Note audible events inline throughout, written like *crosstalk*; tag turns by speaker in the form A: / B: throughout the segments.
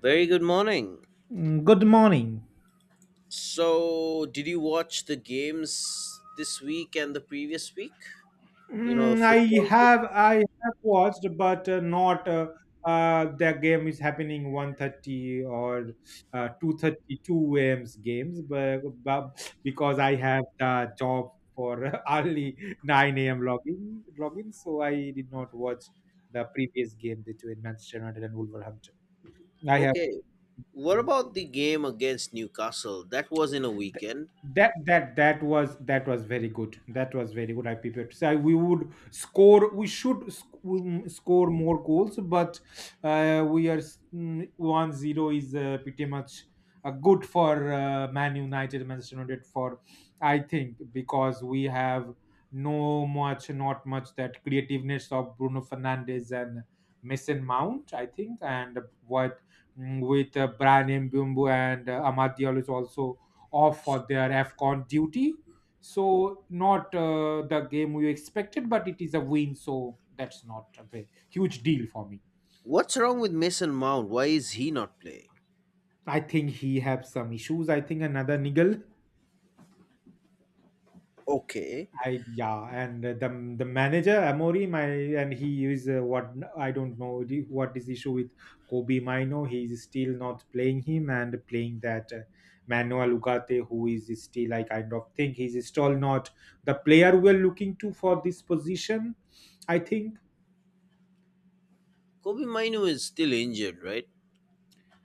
A: Very good morning.
B: Mm, good morning.
A: So, did you watch the games this week and the previous week? You know, the
B: Mm, I
A: football game.
B: I have watched, but not, the game is happening 1:30 or 2:30, 2 a.m. games, but because I have the job for *laughs* early 9 a.m. login, so I did not watch the previous game between Manchester United and Wolverhampton. I have.
A: Okay. What
B: mm,
A: about the game against Newcastle? That was in a
B: Th-
A: weekend.
B: that was very good. I prepared to say we would score, we should score more goals, but we are 1-0 is pretty much good for Manchester United, for I think, because we have no much not much that creativeness of Bruno Fernandes and Mason Mount. I think. And with Brian Mbumbu and Amad Diallo is also off for their AFCON duty. So not the game we expected, but it is a win. So that's not a very huge deal for me.
A: What's wrong with Mason Mount? Why is he not playing?
B: I think he have some issues. I think another niggle.
A: Okay.
B: I Yeah, and the manager Amori, my, and he is, what, I don't know what is the issue with Kobe Mino. He is still not playing him and playing that, Manuel Ugarte, who is still, I kind of think he's still not the player we are looking to for this position. I think.
A: Kobe Minu is still injured, right?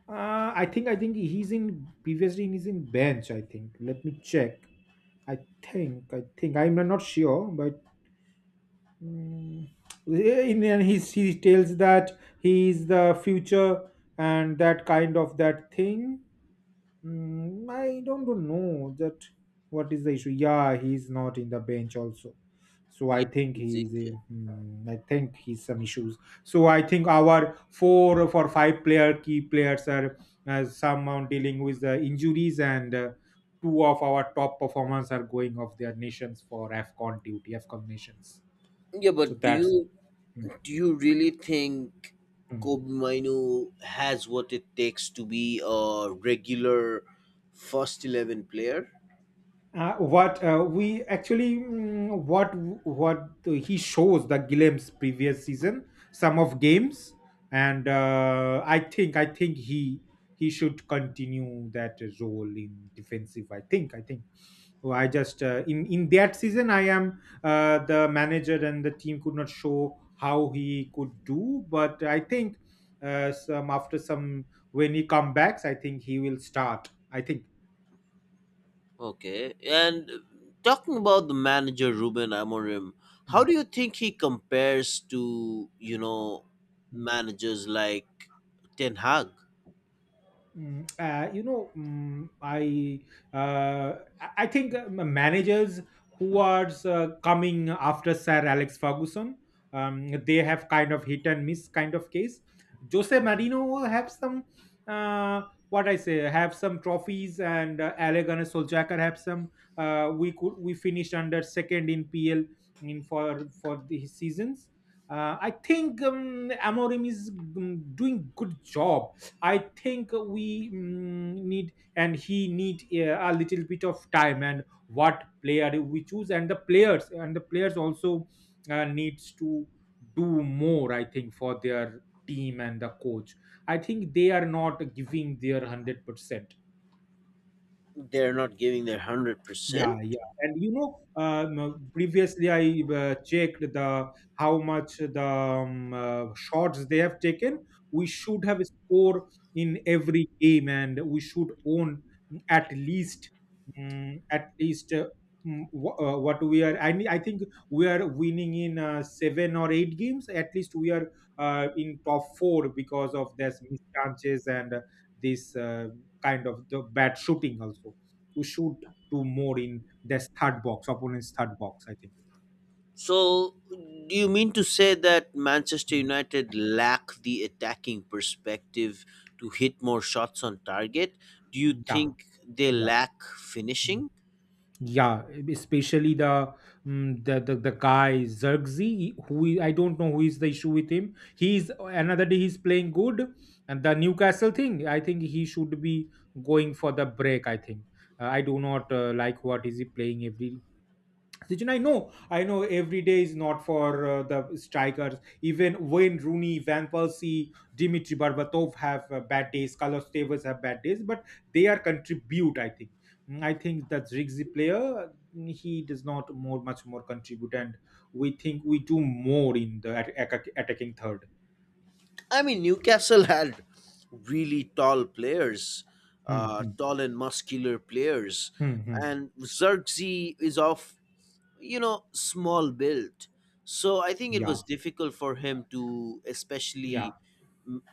B: I think, he's in, previously he's in bench. I think. Let me check. I think I'm not sure, but. Mm. In, and he tells that he is the future and that kind of that thing. I don't know that what is the issue. Yeah, he's not in the bench also. So I
A: Yeah,
B: think
A: he's
B: he's a,
A: injured.
B: I think he's some issues. So I think our four or five player key players are somehow dealing with the injuries, and two of our top performers are going off their nations for AFCON duty, AFCON nations.
A: Yeah,
B: So
A: but
B: that's. Mm,
A: do you really think
B: mm.
A: Kobe Minu has what it takes to be a regular first 11 player?
B: What we actually, what he shows the Gillem's previous season, some of games, and I think he should continue that role in defensive. I think. Well, I just, in that season I am, the manager and the team could not show how he could do, but I think some after some, when he comebacks I think he will start. I think.
A: Okay. And talking about the manager Ruben Amorim, how
B: Mm.
A: do you think he compares to, you know, managers like Ten Hag?
B: Mm, uh, you know, mm, I I think, managers who are, coming after Sir Alex Ferguson, they have kind of hit and miss kind of case. Jose Marino have some, uh, what I say, have some trophies, and Ale Gunnar Solskjaer have some. We could, we finished under second in PL, in for the seasons. I think, Amorim is, doing good job. I think we, need, and he need a little bit of time, and what player we choose, and the players also needs to do more. I think for their team and the coach. I think they are not giving their 100%.
A: They're not giving their
B: Yeah,
A: 100%.
B: yeah, and, previously I checked the how much the, shots they have taken. We should have a score in every game, and we should own at least, at least, what we are. I think we are winning in seven or eight games. At least we are in top four because of this mischances, and this, kind of the bad shooting also. We should two more in their third box, opponent's third box. I think.
A: So, do you mean to say that Manchester United lack the attacking perspective to hit more shots on target? Do you
B: Yeah,
A: think they
B: yeah,
A: lack
B: mm.
A: finishing?
B: yeah. Especially the, the guy Zergzi, I don't know who is the issue with him. He's another day he's playing good, and the Newcastle thing. I think he should be going for the break. I think. I do not like what is he playing every Sachin. I know every day is not for the strikers. Even Wayne Rooney, Van Persie, Dimitri Berbatov have bad days. Carlos Tevez have bad days, but they are contribute. I think. I think that Ziggy player, he does not more much more contribute, and we think we do more in the attacking third.
A: I mean, Newcastle had really tall players,
B: Hmm, hmm,
A: tall and muscular players,
B: hmm, hmm.
A: and Xerxes is of, you know, small build, so I think it
B: Yeah,
A: was difficult for him to
B: yeah.
A: especially m-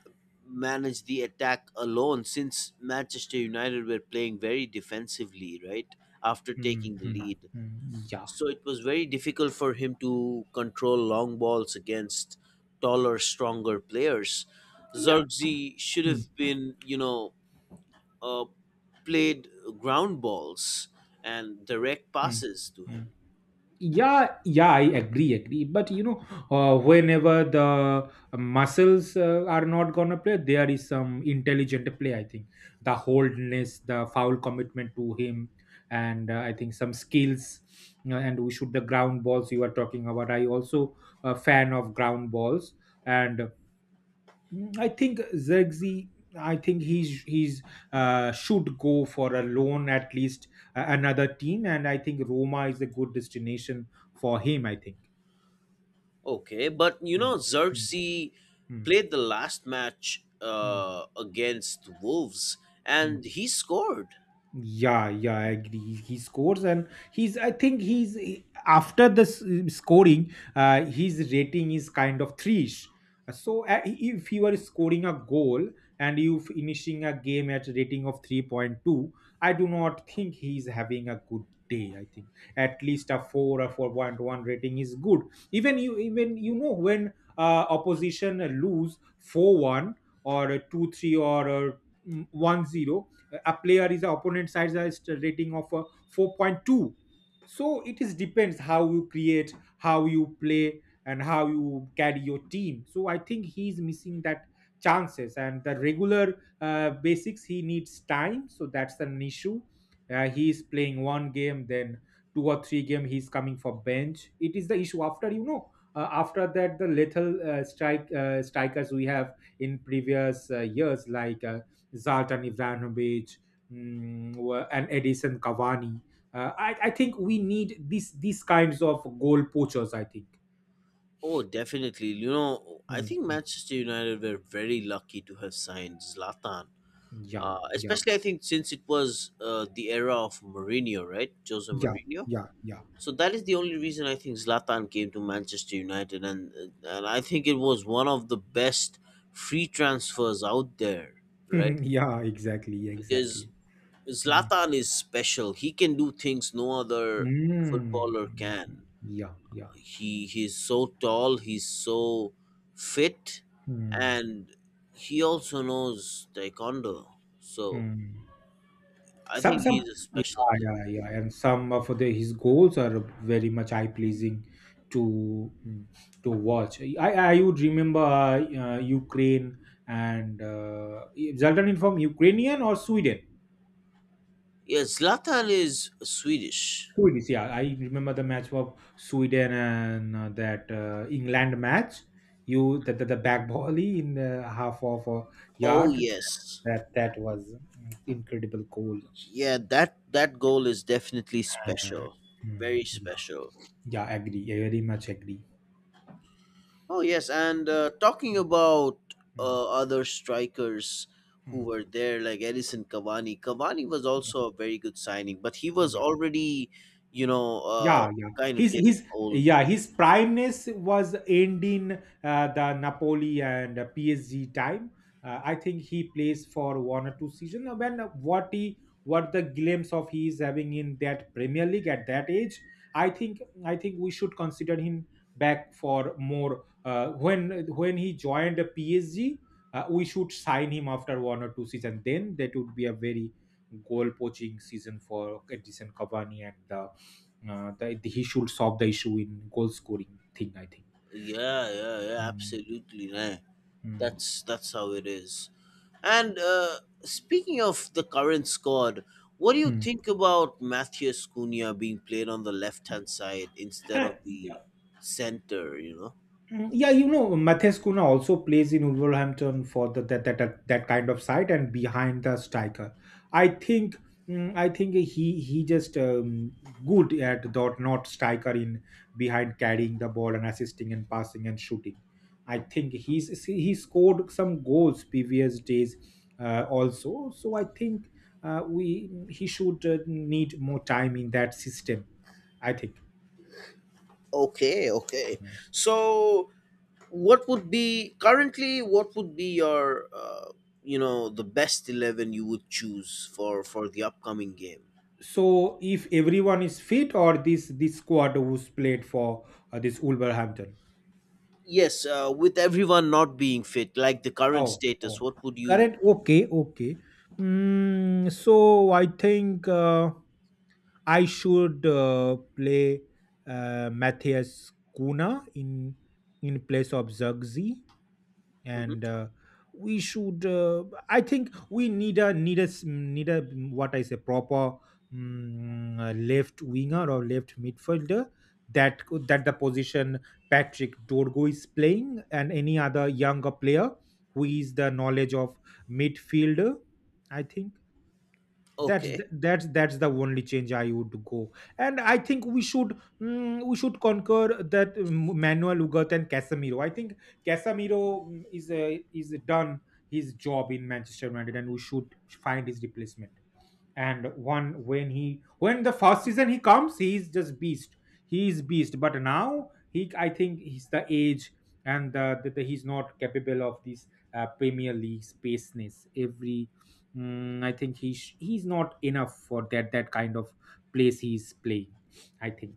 A: manage the attack alone since Manchester United were playing very defensively, right? After
B: Hmm,
A: taking the
B: hmm,
A: lead,
B: hmm, yeah,
A: so it was very difficult for him to control long balls against taller, stronger players.
B: yeah.
A: Zirkzee should
B: Hmm,
A: have been, uh, played ground balls and direct
B: hmm,
A: passes to
B: hmm.
A: him.
B: Yeah, yeah, I agree, but, whenever the muscles are not gonna play, there is some intelligent play. I think the holdness, the foul commitment to him, and I think some skills. And we should the ground balls you are talking about, I also a fan of ground balls, and I think Zergzi, I think he's should go for a loan at least, another team, and I think Roma is a good destination for him. I think.
A: Okay, but you
B: Mm,
A: know,
B: mm,
A: Xerxes
B: mm,
A: played the last match
B: mm,
A: against Wolves
B: mm.
A: and he scored.
B: Yeah, yeah, I agree. He scores, and he's. I think after the scoring, his rating is kind of three-ish. So if you are scoring a goal and you finishing a game at rating of 3.2, I do not think he's having a good day. I think at least a 4 or 4.1 rating is good. Even you know when opposition lose 4-1 or 2-3 or 1-0, a player is the opponent side's rating of 4.2. So it is depends how you create, how you play, and how you carry your team. So I think he is missing that chances and the regular basics. He needs time, so that's an issue. He is playing one game, then two or three game he's coming for bench. It is the issue. After after that, the lethal, strikers we have in previous years, like Zlatan Ibrahimovic, and Edison Cavani. I think we need these kinds of goal poachers. I think.
A: Oh, definitely. You know, I think
B: Hmm.
A: Manchester United were very lucky to have signed Zlatan.
B: Yeah, yeah,
A: Especially, I think since it was the era of Mourinho, right? Jose
B: yeah,
A: Mourinho.
B: yeah, yeah,
A: So that is the only reason I think Zlatan came to Manchester United, and I think it was one of the best free transfers out there, right?
B: *laughs* yeah. Exactly,
A: Because
B: exactly. Mm.
A: Zlatan is special. He can do things no other
B: Mm.
A: footballer can.
B: Yeah, yeah.
A: He's so tall. He's so fit,
B: Mm.
A: and he also knows taekwondo. So
B: Mm.
A: I think
B: Some,
A: he's a special
B: yeah,
A: player.
B: yeah, yeah. And some of the his goals are very much eye pleasing to, to watch. I would remember Ukraine, and Zlatan is from Ukrainian or Sweden.
A: Yeah, Zlatan is Swedish.
B: Swedish, yeah. I remember the match of Sweden and that England match. You, the back volley in the half of a
A: Oh
B: yard.
A: yes.
B: That was incredible goal.
A: Yeah, that goal is definitely
B: Uh,
A: special. Very
B: mm,
A: special.
B: yeah, agree. I very much agree.
A: Oh yes, and talking about
B: Hmm.
A: other strikers who
B: Hmm.
A: were there like Edison Cavani. Cavani was
B: Yeah.
A: also a very good signing, but he was
B: Yeah.
A: already, you know,
B: Yeah
A: kind of getting
B: his
A: old.
B: yeah, his primeness was end in the Napoli and PSG time. I think he plays for one or two season. When, what the glimpse of he is having in that Premier League at that age, i think I think we should consider him back for more, when, he joined the PSG, we should sign him after one or two season, then that would be a very goal poaching season for Edison Cavani, and the, that he should solve the issue in goal scoring thing. I think.
A: Yeah, yeah, yeah,
B: Mm,
A: absolutely. Yeah.
B: mm,
A: That's how it is. And speaking of the current squad, what do you
B: mm.
A: think about Matthias Cunha being played on the left hand side instead of
B: Yeah.
A: the center, you know?
B: Mm, yeah, Matthias Kuna also plays in Wolverhampton for the, that, that that that kind of side and behind the striker. I think, I think he just, good at dot, not striker, in behind, carrying the ball and assisting and passing and shooting. I think he scored some goals previous days, also. So I think, we he should, need more time in that system. I think.
A: Okay, okay. So, what would be currently what would be your you know, the best 11 you would choose for the upcoming game?
B: So, if everyone is fit, or this squad who's played for this Wolverhampton?
A: Yes, with everyone not being fit, like the current
B: Oh, oh,
A: status, what would you—
B: correct. Okay, okay. Mm, so I think, I should, play Matthias Kuna in place of Zagzi.
A: Mhm.
B: And we should, I think we need a, what I say, proper, left winger or left midfielder that that the position Patrick Dorgo is playing, and any other younger player who is the knowledge of midfielder. I think that's
A: Okay.
B: th- that's the only change I would go. And I think we should, we should conquer that, Manuel Ugarte and Casemiro. I think Casemiro, is done his job in Manchester United, and we should find his replacement. And one when he, when the first season he comes, he's just beast. He is beast, but now he, I think, he's the age, and that he's not capable of this premier league spaceness. Every, I think he's not enough for that kind of place he's playing. I think.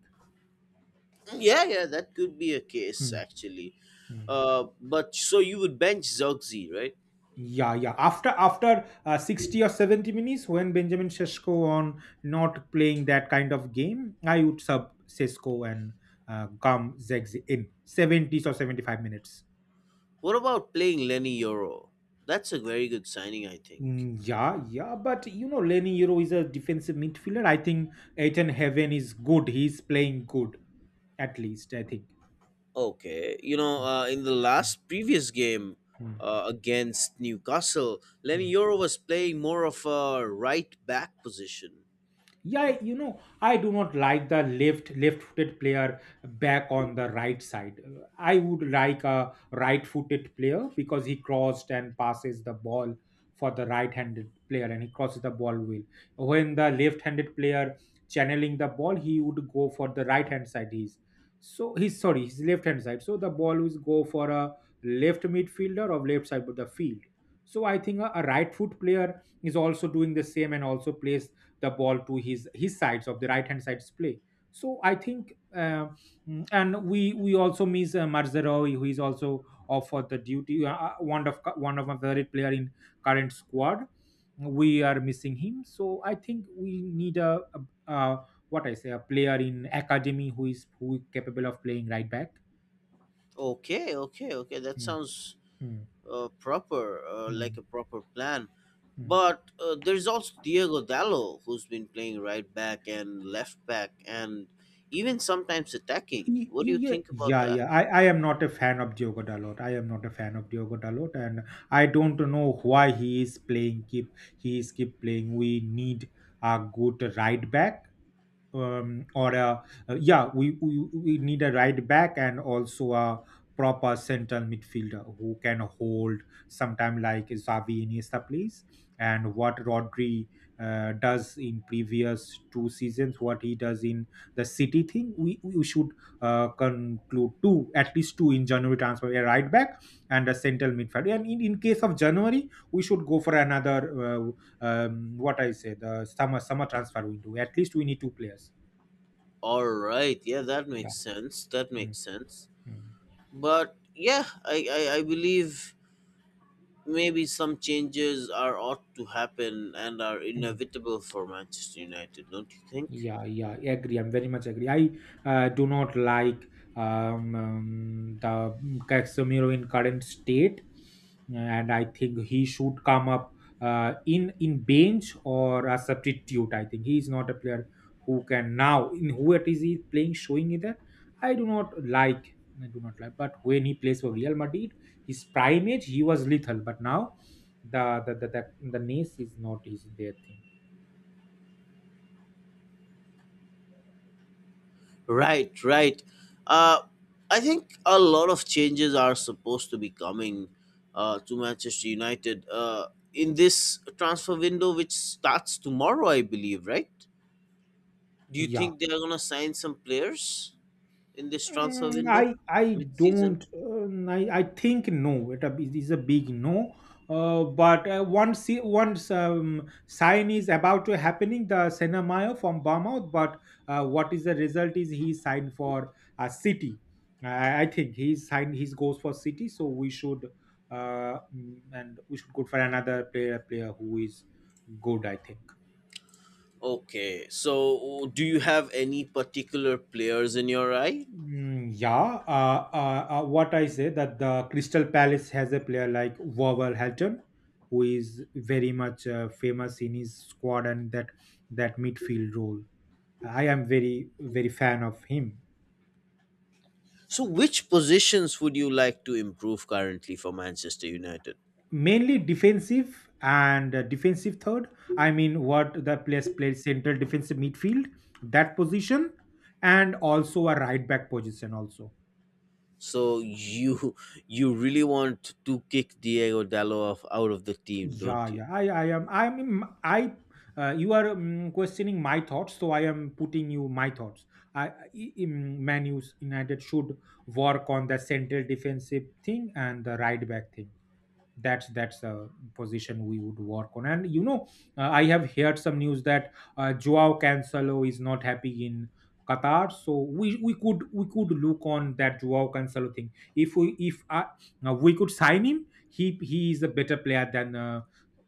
A: Yeah, yeah, that could be a case
B: Hmm.
A: actually.
B: Hmm.
A: But so you would bench Zogzi, right?
B: Yeah, yeah. After 60 or 70 minutes, when Benjamin Sesko on not playing that kind of game, I would sub Sesko and Gum Zegzi in seventies or 75 minutes.
A: What about playing Lenny Yoro? That's a very good signing, I think.
B: Yeah, yeah. But you know, Lenny Euro is a defensive midfielder. I think Ethan Heaven is good. He's playing good, at least I think.
A: Okay, you know,
B: Mm,
A: in the
B: mm,
A: last previous game
B: mm,
A: against Newcastle,
B: mm.
A: Lenny Yoro was playing more of a right back position.
B: Yeah, you know, I do not like the left-footed player back on the right side. I would like a right-footed player because he crossed and passes the ball for the right-handed player, and he crosses the ball well. When the left-handed player channeling the ball, he would go for the right-hand side. He's sorry, his left-hand side. So the ball would go for a left midfielder or left side of the field. So I think a right foot player is also doing the same and also plays the ball to his sides of the right hand side's play. So I think, and we also miss Marzeroy, who is also offered the duty, one of my favorite player in current squad. We are missing him, so I think we need a what I say a player in academy who is capable of playing right back.
A: Okay, okay, okay. That
B: Mm,
A: sounds
B: mm,
A: proper, like a
B: mm,
A: proper plan.
B: mm.
A: But there's also Diego Dallo, who's been playing right back and left back, and even sometimes attacking.
B: you,
A: What do
B: you
A: you
B: yeah,
A: think about
B: yeah
A: that?
B: yeah I, I am not a fan of Diogo Dalot. I am not a fan of Diogo Dalot and I don't know why he is keep playing. We need a good right back, um, or a, yeah, we need a right back and also a proper central midfielder who can hold sometime like Xavi Iniesta plays, and what Rodri does in previous two seasons, what he does in the City thing. We should conclude two at least two in January transfer, a right back and a central midfielder. And in case of January, we should go for another what I say, the summer transfer window. At least we need two players.
A: All right, yeah, that
B: Yeah.
A: makes sense. That
B: Mm,
A: makes sense.
B: mm,
A: But yeah, I believe maybe some changes are ought to happen and are
B: mm.
A: inevitable for Manchester United, don't you think?
B: Yeah, yeah, agree. I'm very much agree. I do not like the Casemiro in current state, and I think he should come up in bench or a substitute. I think he is not a player who can now in who it is he playing showing either. I do not like. I do not like. But when he plays for Real Madrid, his prime age he was lethal. But now the the the the, the Nace is not his their thing.
A: Right, right. Uh, I think a lot of changes are supposed to be coming to Manchester United in this transfer window, which starts tomorrow, I believe, right? Do you
B: Yeah.
A: think they are going to sign some players in this transfer
B: Mm,
A: window
B: I
A: mid season?
B: don't I think no, it it is a big no, but once once sign is about to happening the Senamayo from Bournemouth, but what is the result is he signed for a City. I think he signed, he goes for City, so we should and we should go for another player who is good, I think.
A: Okay, so do you have any particular players in your eye?
B: Mm, yeah, what I say that the Crystal Palace has a player like Wolverhampton, who is very much famous in his squad and that midfield role. I am very fan of him.
A: So, which positions would you like to improve currently for Manchester United?
B: Mainly defensive and defensive third. I mean, what the players play central defensive midfield, that position, and also a right back position also.
A: So you really want to kick Diego Dallo off out of the team, don't
B: Yeah,
A: you?
B: yeah. I am. I am. I. You are questioning my thoughts, so I am putting you my thoughts. I in menus United should work on the central defensive thing and the right back thing. That's a position we would work on, and you know, I have heard some news that Joao Cancelo is not happy in Qatar, so we could look on that Joao Cancelo thing. If we, if we could sign him, he is a better player than uh,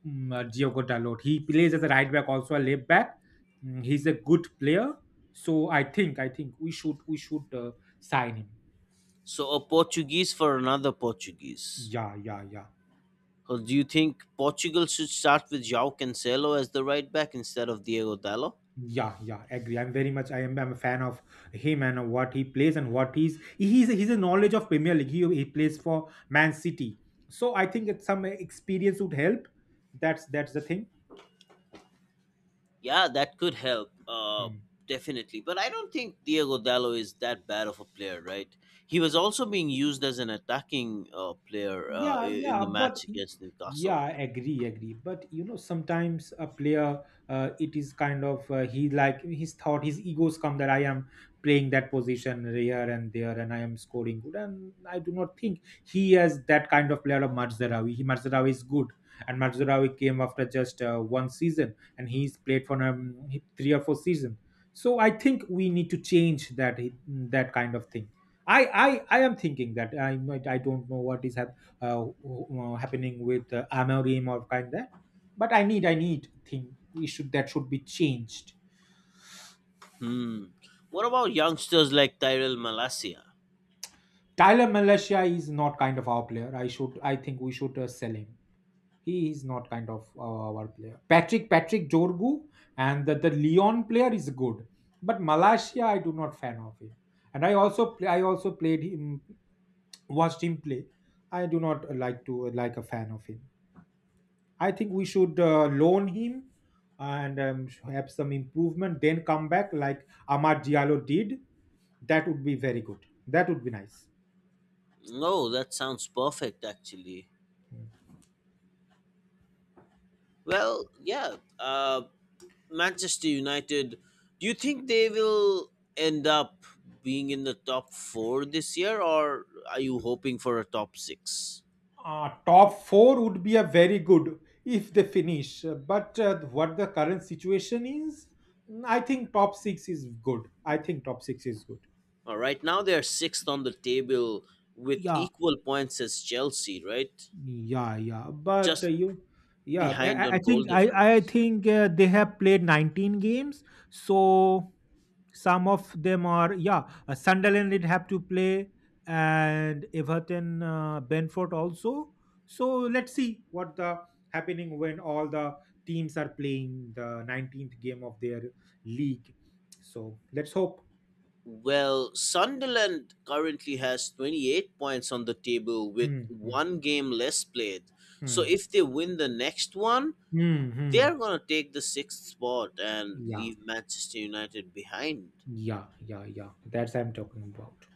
B: um, uh, Diogo Dalot. He plays as a right back, also a left back. Mm, he's a good player, so I think we should sign him.
A: So a Portuguese for another Portuguese.
B: Yeah, yeah, yeah.
A: Or do you think Portugal should start with João Cancelo as the right back instead of Diego Dallo?
B: Yeah, yeah, agree. I'm very much. I am. I'm a fan of him and what he plays and what he's. He's a knowledge of Premier League. He plays for Man City, so I think it's some experience would help. That's the thing.
A: Yeah, that could help.
B: Hmm.
A: Definitely. But I don't think Diego Dallo is that bad of a player, right? He was also being used as an attacking player
B: Yeah,
A: in
B: yeah,
A: the
B: but
A: match against
B: yeah,
A: Newcastle.
B: I agree, agree. But you know, sometimes a player, it is kind of he like his thought, his egos come that I am playing that position here and there, and I am scoring good. And I do not think he is that kind of player of Marzarawi. He Marzarawi is good, and Marzarawi came after just one season, and he's played for three or four season. So I think we need to change that that kind of thing. I am thinking that I don't know what is happening, happening with Amorim or kind that. But I need thing. It should that should be changed.
A: Hmm. What about youngsters like Tyrell Malacia?
B: Tyler Malaysia is not kind of our player. I should, I think we should sell him. He is not kind of our player. Patrick Jorgu and the Leon player is good, but Malaysia I do not fan of him. And I also play, I also played him, watched him play. I do not like to like a fan of him. I think we should loan him and have some improvement, then come back like Amar Diallo did. That would be very good. That would be nice.
A: No, that sounds perfect, actually. Well, yeah. Manchester United, do you think they will end up being in the top four this year, or are you hoping for a top six?
B: Top four would be a very good if they finish. But what the current situation is, mm, I think top six is good. I think top six is good.
A: Right now they're sixth on the table with
B: Yeah,
A: equal points as Chelsea, right?
B: Yeah, yeah, but
A: Just
B: yeah, I, I
A: behind
B: I
A: on goal
B: think I I
A: difference.
B: think they have played 19 games, so some of them are yeah. Sunderland did have to play, and Everton, Brentford also. So let's see what the happening when all the teams are playing the 19th game of their league. So let's hope.
A: Well, Sunderland currently has 28 points on the table with
B: Hmm, hmm,
A: one game less played. So
B: hmm,
A: if they win the next one,
B: hmm,
A: they
B: hmm.
A: are going to take the sixth spot and
B: Yeah,
A: leave Manchester United behind.
B: yeah, yeah, yeah. That's I'm talking about.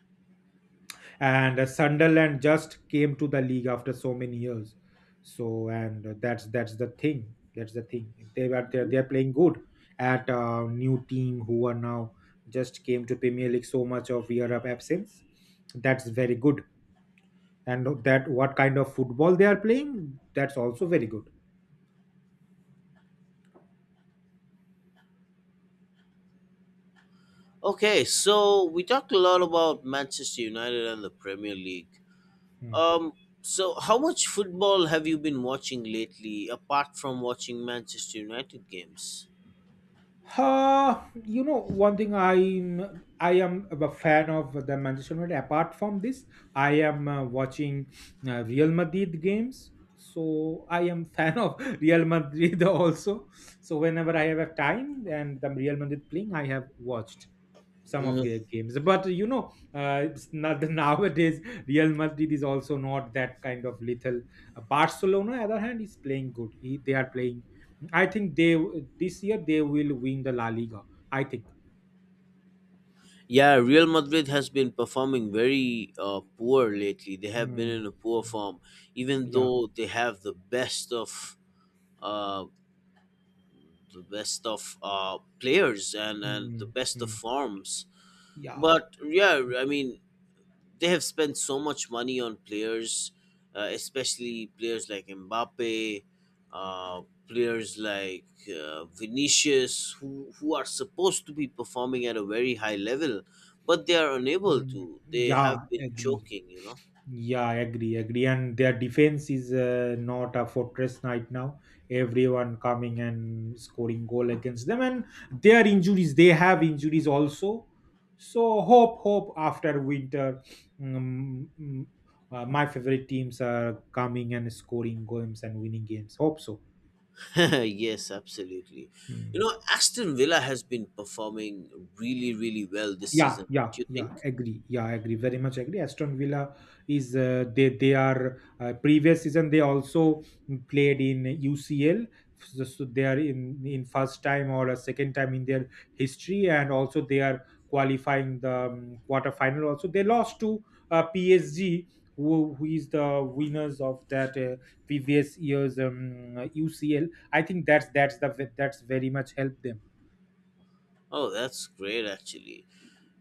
B: And Sunderland just came to the league after so many years. So and that's the thing. That's the thing. They
A: Mhm.
B: they are playing good at a new team who are now just came to Premier League, so much of year of absence. That's very good. And that what kind of football they are playing, that's also very good.
A: Okay, so we talked a lot about Manchester United and the Premier League.
B: Hmm.
A: Um, so how much football have you been watching lately apart from watching Manchester United games?
B: You know, one thing I am a fan of the Manchester United. Apart from this, I am watching Real Madrid games, so I am fan of *laughs* Real Madrid also. So whenever I have a time and the Real Madrid playing, I have watched some of their games, but you know it's not, *laughs* nowadays Real Madrid is also not that kind of lethal. Barcelona on the other hand is playing good. They are playing, I think they, this year they will win the La Liga, I think.
A: Yeah, Real Madrid has been performing very poor lately. They have been
B: Mm,
A: in a poor form, even
B: yeah.
A: though they have the best of uh, players and the
B: Mm.
A: best of
B: Mm,
A: forms.
B: yeah.
A: But yeah, I mean, they have spent so much money on players, especially players like Mbappe, players like Vinicius, who are supposed to be performing at a very high level, but they are unable
B: Mm,
A: to. They have
B: yeah,
A: been
B: agree.
A: choking, you know.
B: Yeah, I agree, agree. And their defense is not a fortress right now. Everyone coming and scoring goal against them, and their injuries, they have injuries also. So hope, hope after winter, um, mm, my favorite teams are coming and scoring games and winning games. Hope so.
A: *laughs* Yes, absolutely. You
B: Hmm.
A: know, Aston Villa has been performing really, really well this
B: Yeah,
A: season,
B: yeah,
A: don't you
B: yeah.
A: think?
B: Agree. Yeah, I agree. Very much agree. Aston Villa is they are previous season they also played in UCL, so they are in first time or a second time in their history, and also they are qualifying the quarter final. Also, they lost to PSG, who is the winners of that previous year's UCL. I think that's the that's very much helped them.
A: Oh, that's great, actually.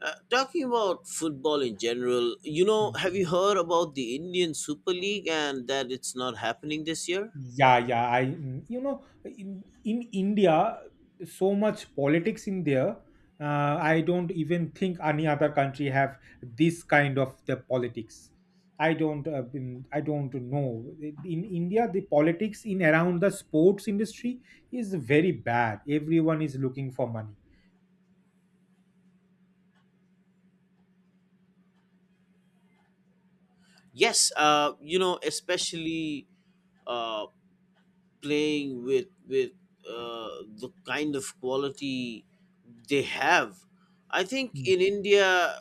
A: Talking about football in general, you know,
B: Hmm.
A: have you heard about the Indian Super League and that it's not happening this year?
B: Yeah, yeah. You know, in India, so much politics in there. I don't even think any other country have this kind of the politics. I don't know. In India, the politics in around the sports industry is very bad. Everyone is looking for money.
A: Yes, you know, especially uh, playing with the kind of quality they have. I think
B: Mm.
A: in India,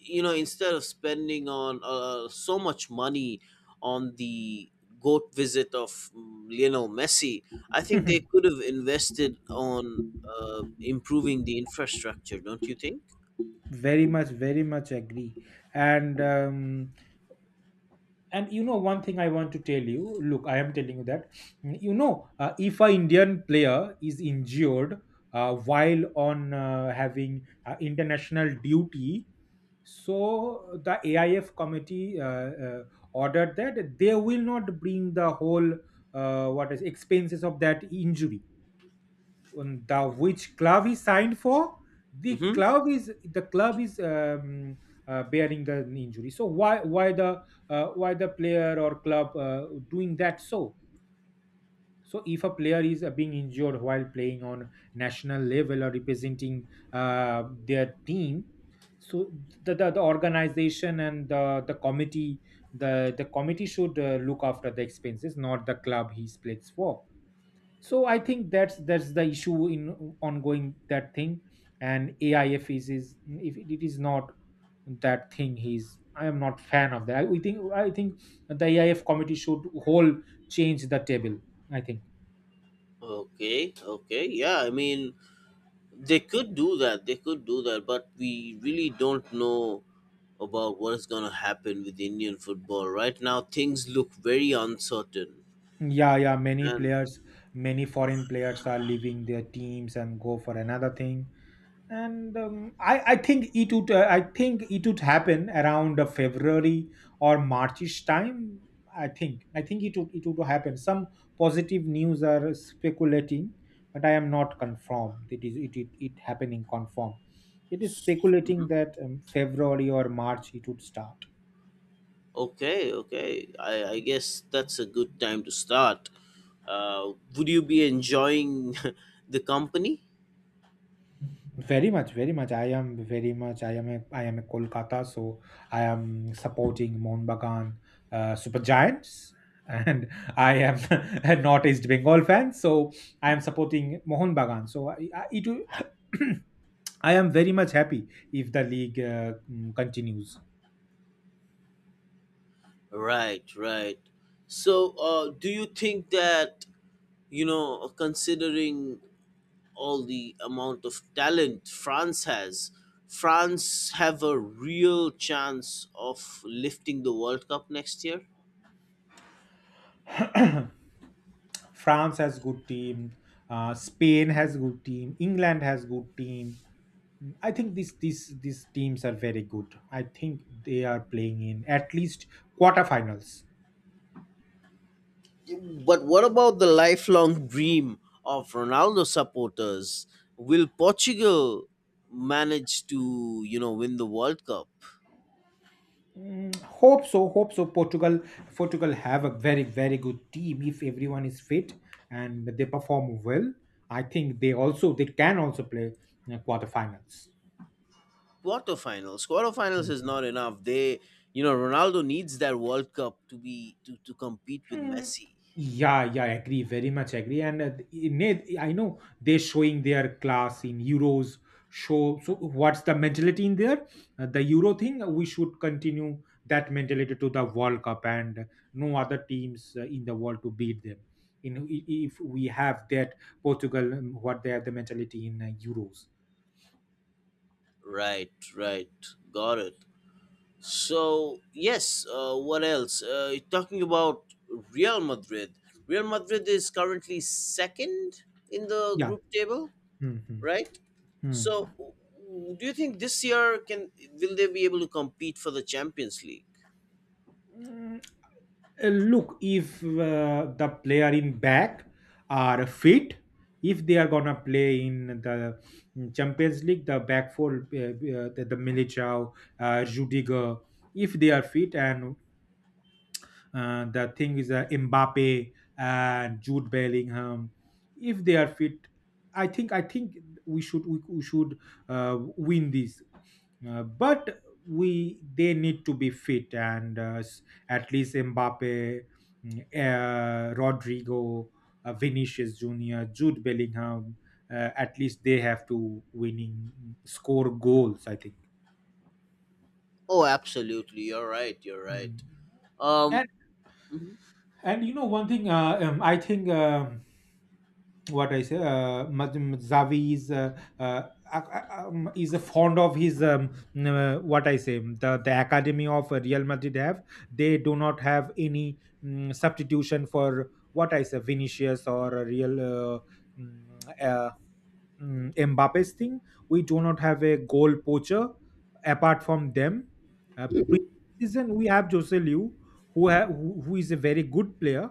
A: you know, instead of spending on so much money on the goat visit of Lionel Messi, I think they could
B: *laughs*
A: have invested on improving the infrastructure, don't you think?
B: very much agree. And um, and you know, one thing I want to tell you. Look, I am telling you that, if a indian player is injured while on having international duty. So the AIF committee ordered that they will not bring the whole what is expenses of that injury. The which club he signed for, the
A: Mm-hmm.
B: club is the club is bearing the injury. So why the player or club doing that. So if a player is being injured while playing on national level or representing their team. So the organization and the committee, the committee should look after the expenses, not the club he plays for. So I think that's the issue in ongoing that thing. And AIF is if it is not that thing. He's, I am not fan of that. I think the AIF committee should whole change the table, I think.
A: Okay, okay, yeah. I mean, they could do that. They could do that, but we really don't know about what is going to happen with Indian football right now. Things look very uncertain,
B: Yeah, yeah,
A: and—
B: many foreign players are leaving their teams and go for another thing. And I think it would happen around february or marchish time. I think it would happen. Some positive news are speculating, but I am not confirmed it is it happening confirmed. It is speculating
A: Mhm.
B: that february or march it would start.
A: Okay, okay. I guess that's a good time to start. Would you be enjoying *laughs* the company?
B: Very much, very much. I am very much. I am a Kolkata, so I am supporting Mohun Bagan Super Giants, and *laughs* I am *laughs* a North East Bengal fan, so I am supporting Mohun Bagan. *clears throat* I am very much happy if the league continues.
A: Right, right. So, do you think that, you know, considering all the amount of talent France has, France have a real chance of lifting the World Cup next year?
B: *clears throat* France has good team. Spain has good team. England has good team. I think these teams are very good. I think they are playing in at least quarterfinals.
A: But what about the lifelong dream of Ronaldo supporters? Will Portugal manage to, you know, win the World Cup?
B: Hope so. Hope so. Portugal have a very very good team if everyone is fit and they perform well. I think they can also play quarterfinals.
A: Quarterfinals. Quarterfinals is not enough. You know, Ronaldo needs that World Cup to be to compete with Messi.
B: Yeah, yeah, agree, very much agree. And in I know they're showing their class in euros. Show, so what's the mentality in there? The euro thing. We should continue that mentality to the World Cup, and no other teams in the world to beat them. In if we have that Portugal, what they have the mentality in euros.
A: Right, right. Got it. So, yes, what else? Talking about Real Madrid. Real Madrid is currently second in the
B: Yeah.
A: group table,
B: hmm
A: right? So, do you think this year can will they be able to compete for the Champions League?
B: hmm Look, if the player in back are fit, if they are gonna play in the Champions League, the back four, the Militao, Rudiger, if they are fit, and the thing is Mbappe and Jude Bellingham, if they are fit, I think we should win this. But we they need to be fit and at least Mbappe, Rodrigo, Vinicius Junior, Jude Bellingham. At least they have to winning score goals, I think.
A: Oh, absolutely. You're right. You're
B: Mm.
A: right. Um,
B: And
A: mhm.
B: and you know, one thing, I think. What I say, Zavi is is fond of his what I say, the academy of Real Madrid have, they do not have any substitution for what I say, Vinicius or a Real uh, mm, uh, Mbappe's thing. We do not have a goal poacher apart from them. Uh, Season we have Jose Liu, who is a very good player,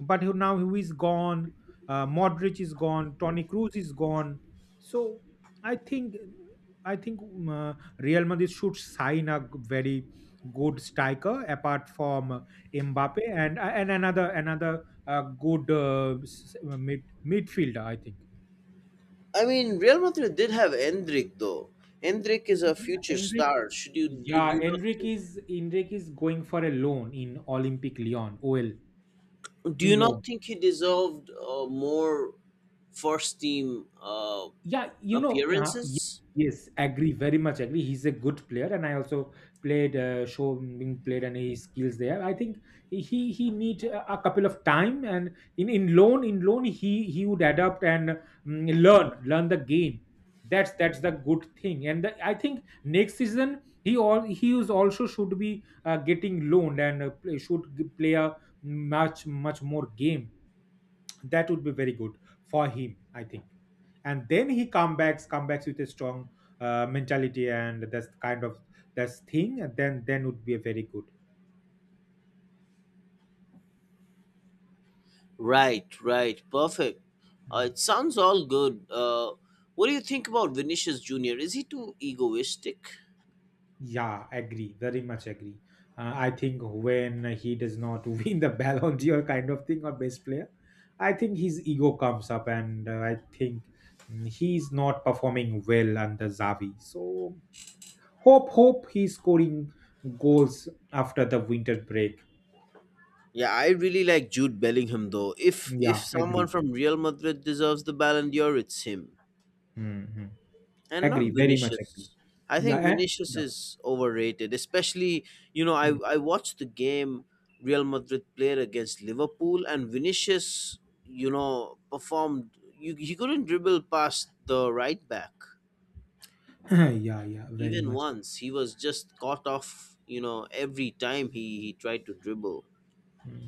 B: but who now who is gone. Modric is gone. Tony Cruz is gone. So I think I think Real Madrid should sign very good striker apart from Mbappe, and another good midfielder, I think.
A: I mean, Real Madrid did have Endrick though. Endrick is a
B: Yeah,
A: future
B: Enric
A: star. Should you do, do
B: yeah,
A: you not
B: Enric is going for a loan in Olympic Lyon, OL,
A: Do
B: in
A: you
B: loan.
A: not think he deserved more first team
B: Yeah, you know, yeah, ye-
A: appearances?
B: yes, agree, very much agree. He's a good player, and I also played show being played and his skills there. I think he need a couple of time, and in loan he would adapt and learn the game. That's the good thing. And I think next season he is also should be getting loaned and play a much more game. That would be very good for him, I think. And then he come backs with a strong mentality, and that's the kind of that's thing and then would be a very good.
A: Right. Right. Perfect.
B: Mm.
A: It sounds all good. What do you think about Vinicius Junior? Is he too egoistic?
B: Yeah, agree, very much agree. I think when he does not *laughs* win the Ballon d'Or kind of thing or best player, I think his ego comes up, and I think he's not performing well under Zavi, so hope he's scoring goals after the winter break.
A: Yeah, I really like Jude Bellingham though. If
B: Yeah,
A: if someone
B: agree.
A: from Real Madrid deserves the Ballon d'Or, it's him,
B: Mhm.
A: and not
B: Agree, very much agree.
A: Vinicius. I
B: Yeah,
A: think
B: eh?
A: Vinicius
B: Yeah.
A: is overrated, especially, you know, I
B: Hmm.
A: I watched the game Real Madrid played against Liverpool, and Vinicius, you know, performed. You He couldn't dribble past the right back
B: *laughs* *clears throat* yeah, yeah, very
A: even
B: much.
A: once. He was just caught off. You know, every time he tried to dribble.
B: Hmm.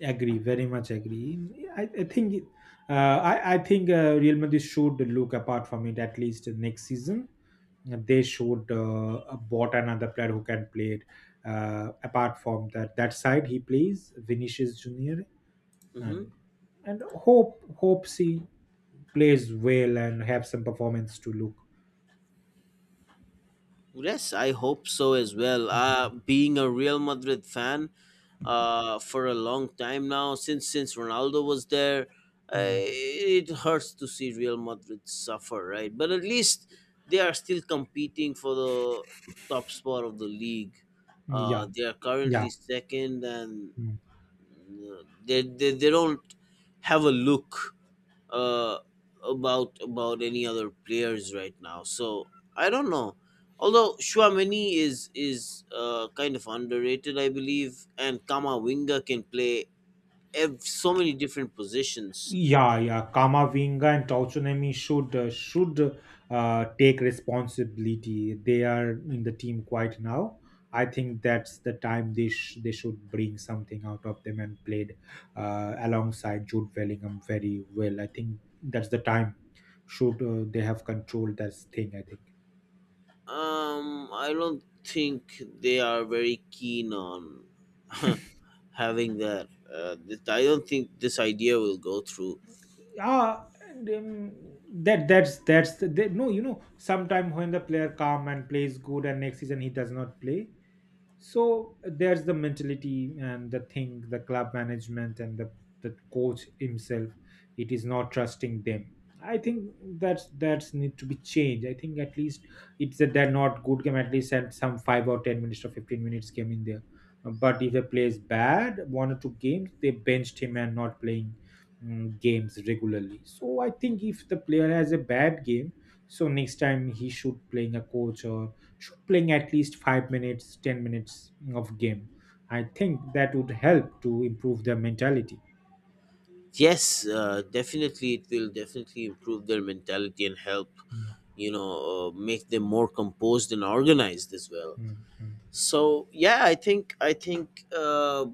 B: Agree, very much agree. I, I think it- I think Real Madrid should look apart from it, at least next season. They should bought another player who can play it apart from that side he plays Vinicius Junior,
A: Hmm.
B: and and hopes he plays well and have some performance to look.
A: Yes, I hope so as well.
B: Mm.
A: Being a Real Madrid fan for a long time now, since Ronaldo was there,
B: Mm.
A: it hurts to see Real Madrid suffer, right? But at least they are still competing for the top spot of the league.
B: Yeah,
A: They are
B: yeah.
A: currently second, and
B: Mm.
A: they don't have a look uh, about any other players right now. So I don't know. Although Schwamini is kind of underrated, I believe, and Kamavinga can play so many different positions.
B: Yeah, yeah. Kamavinga and Tauchunemi should take responsibility. They are in the team quite now. I think that's the time they should bring something out of them, and played alongside Jude Bellingham very well. I think that's the time should they have controlled that thing, I think.
A: I don't think they are very keen on *laughs* having that. I don't think this idea will go through.
B: And, that that's the- no. You know, sometime when the player come and plays good, and next season he does not play, so there's the mentality and the thing, the club management and the coach himself, it is not trusting them, I think. That's need to be changed, I think. At least it's a they're not good game at least at some 5 or 10 minutes or 15 minutes game in there. But if a player is bad one or two games, they benched him and not playing games regularly. So I think if the player has a bad game, so next time he should playing a coach or should playing at least 5 minutes 10 minutes of game. I think that would help to improve their mentality.
A: Yes, definitely, it will definitely improve their mentality and help,
B: Mm,
A: you know, make them more composed and organized as well.
B: mm, mm.
A: So yeah, I think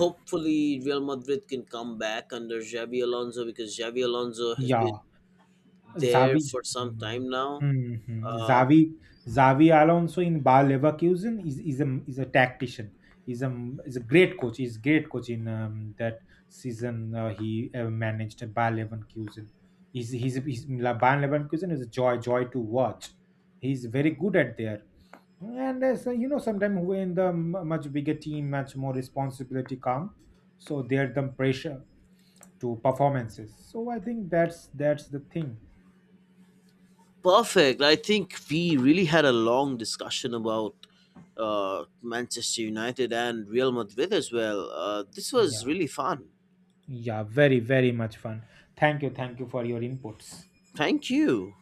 A: hopefully Real Madrid can come back under Xavi Alonso, because Xavi Alonso has
B: Yeah,
A: been there
B: Zavi.
A: for some
B: Mm,
A: time now.
B: mm, mm.
A: uh,
B: Zavi alonso in bar leverkusen is a tactician, is a is a great coach. He's great coach in that season he managed bar leverkusen. He's bar leverkusen is a joy to watch. He's very good at there. And as you know, sometimes when much bigger team, much more responsibility come, so there the pressure to performances. So I think that's the thing.
A: perfect I think we really had a long discussion about Manchester United and Real Madrid as well. This was
B: Yeah,
A: really fun.
B: yeah, very very much fun. Thank you for your inputs.
A: Thank you.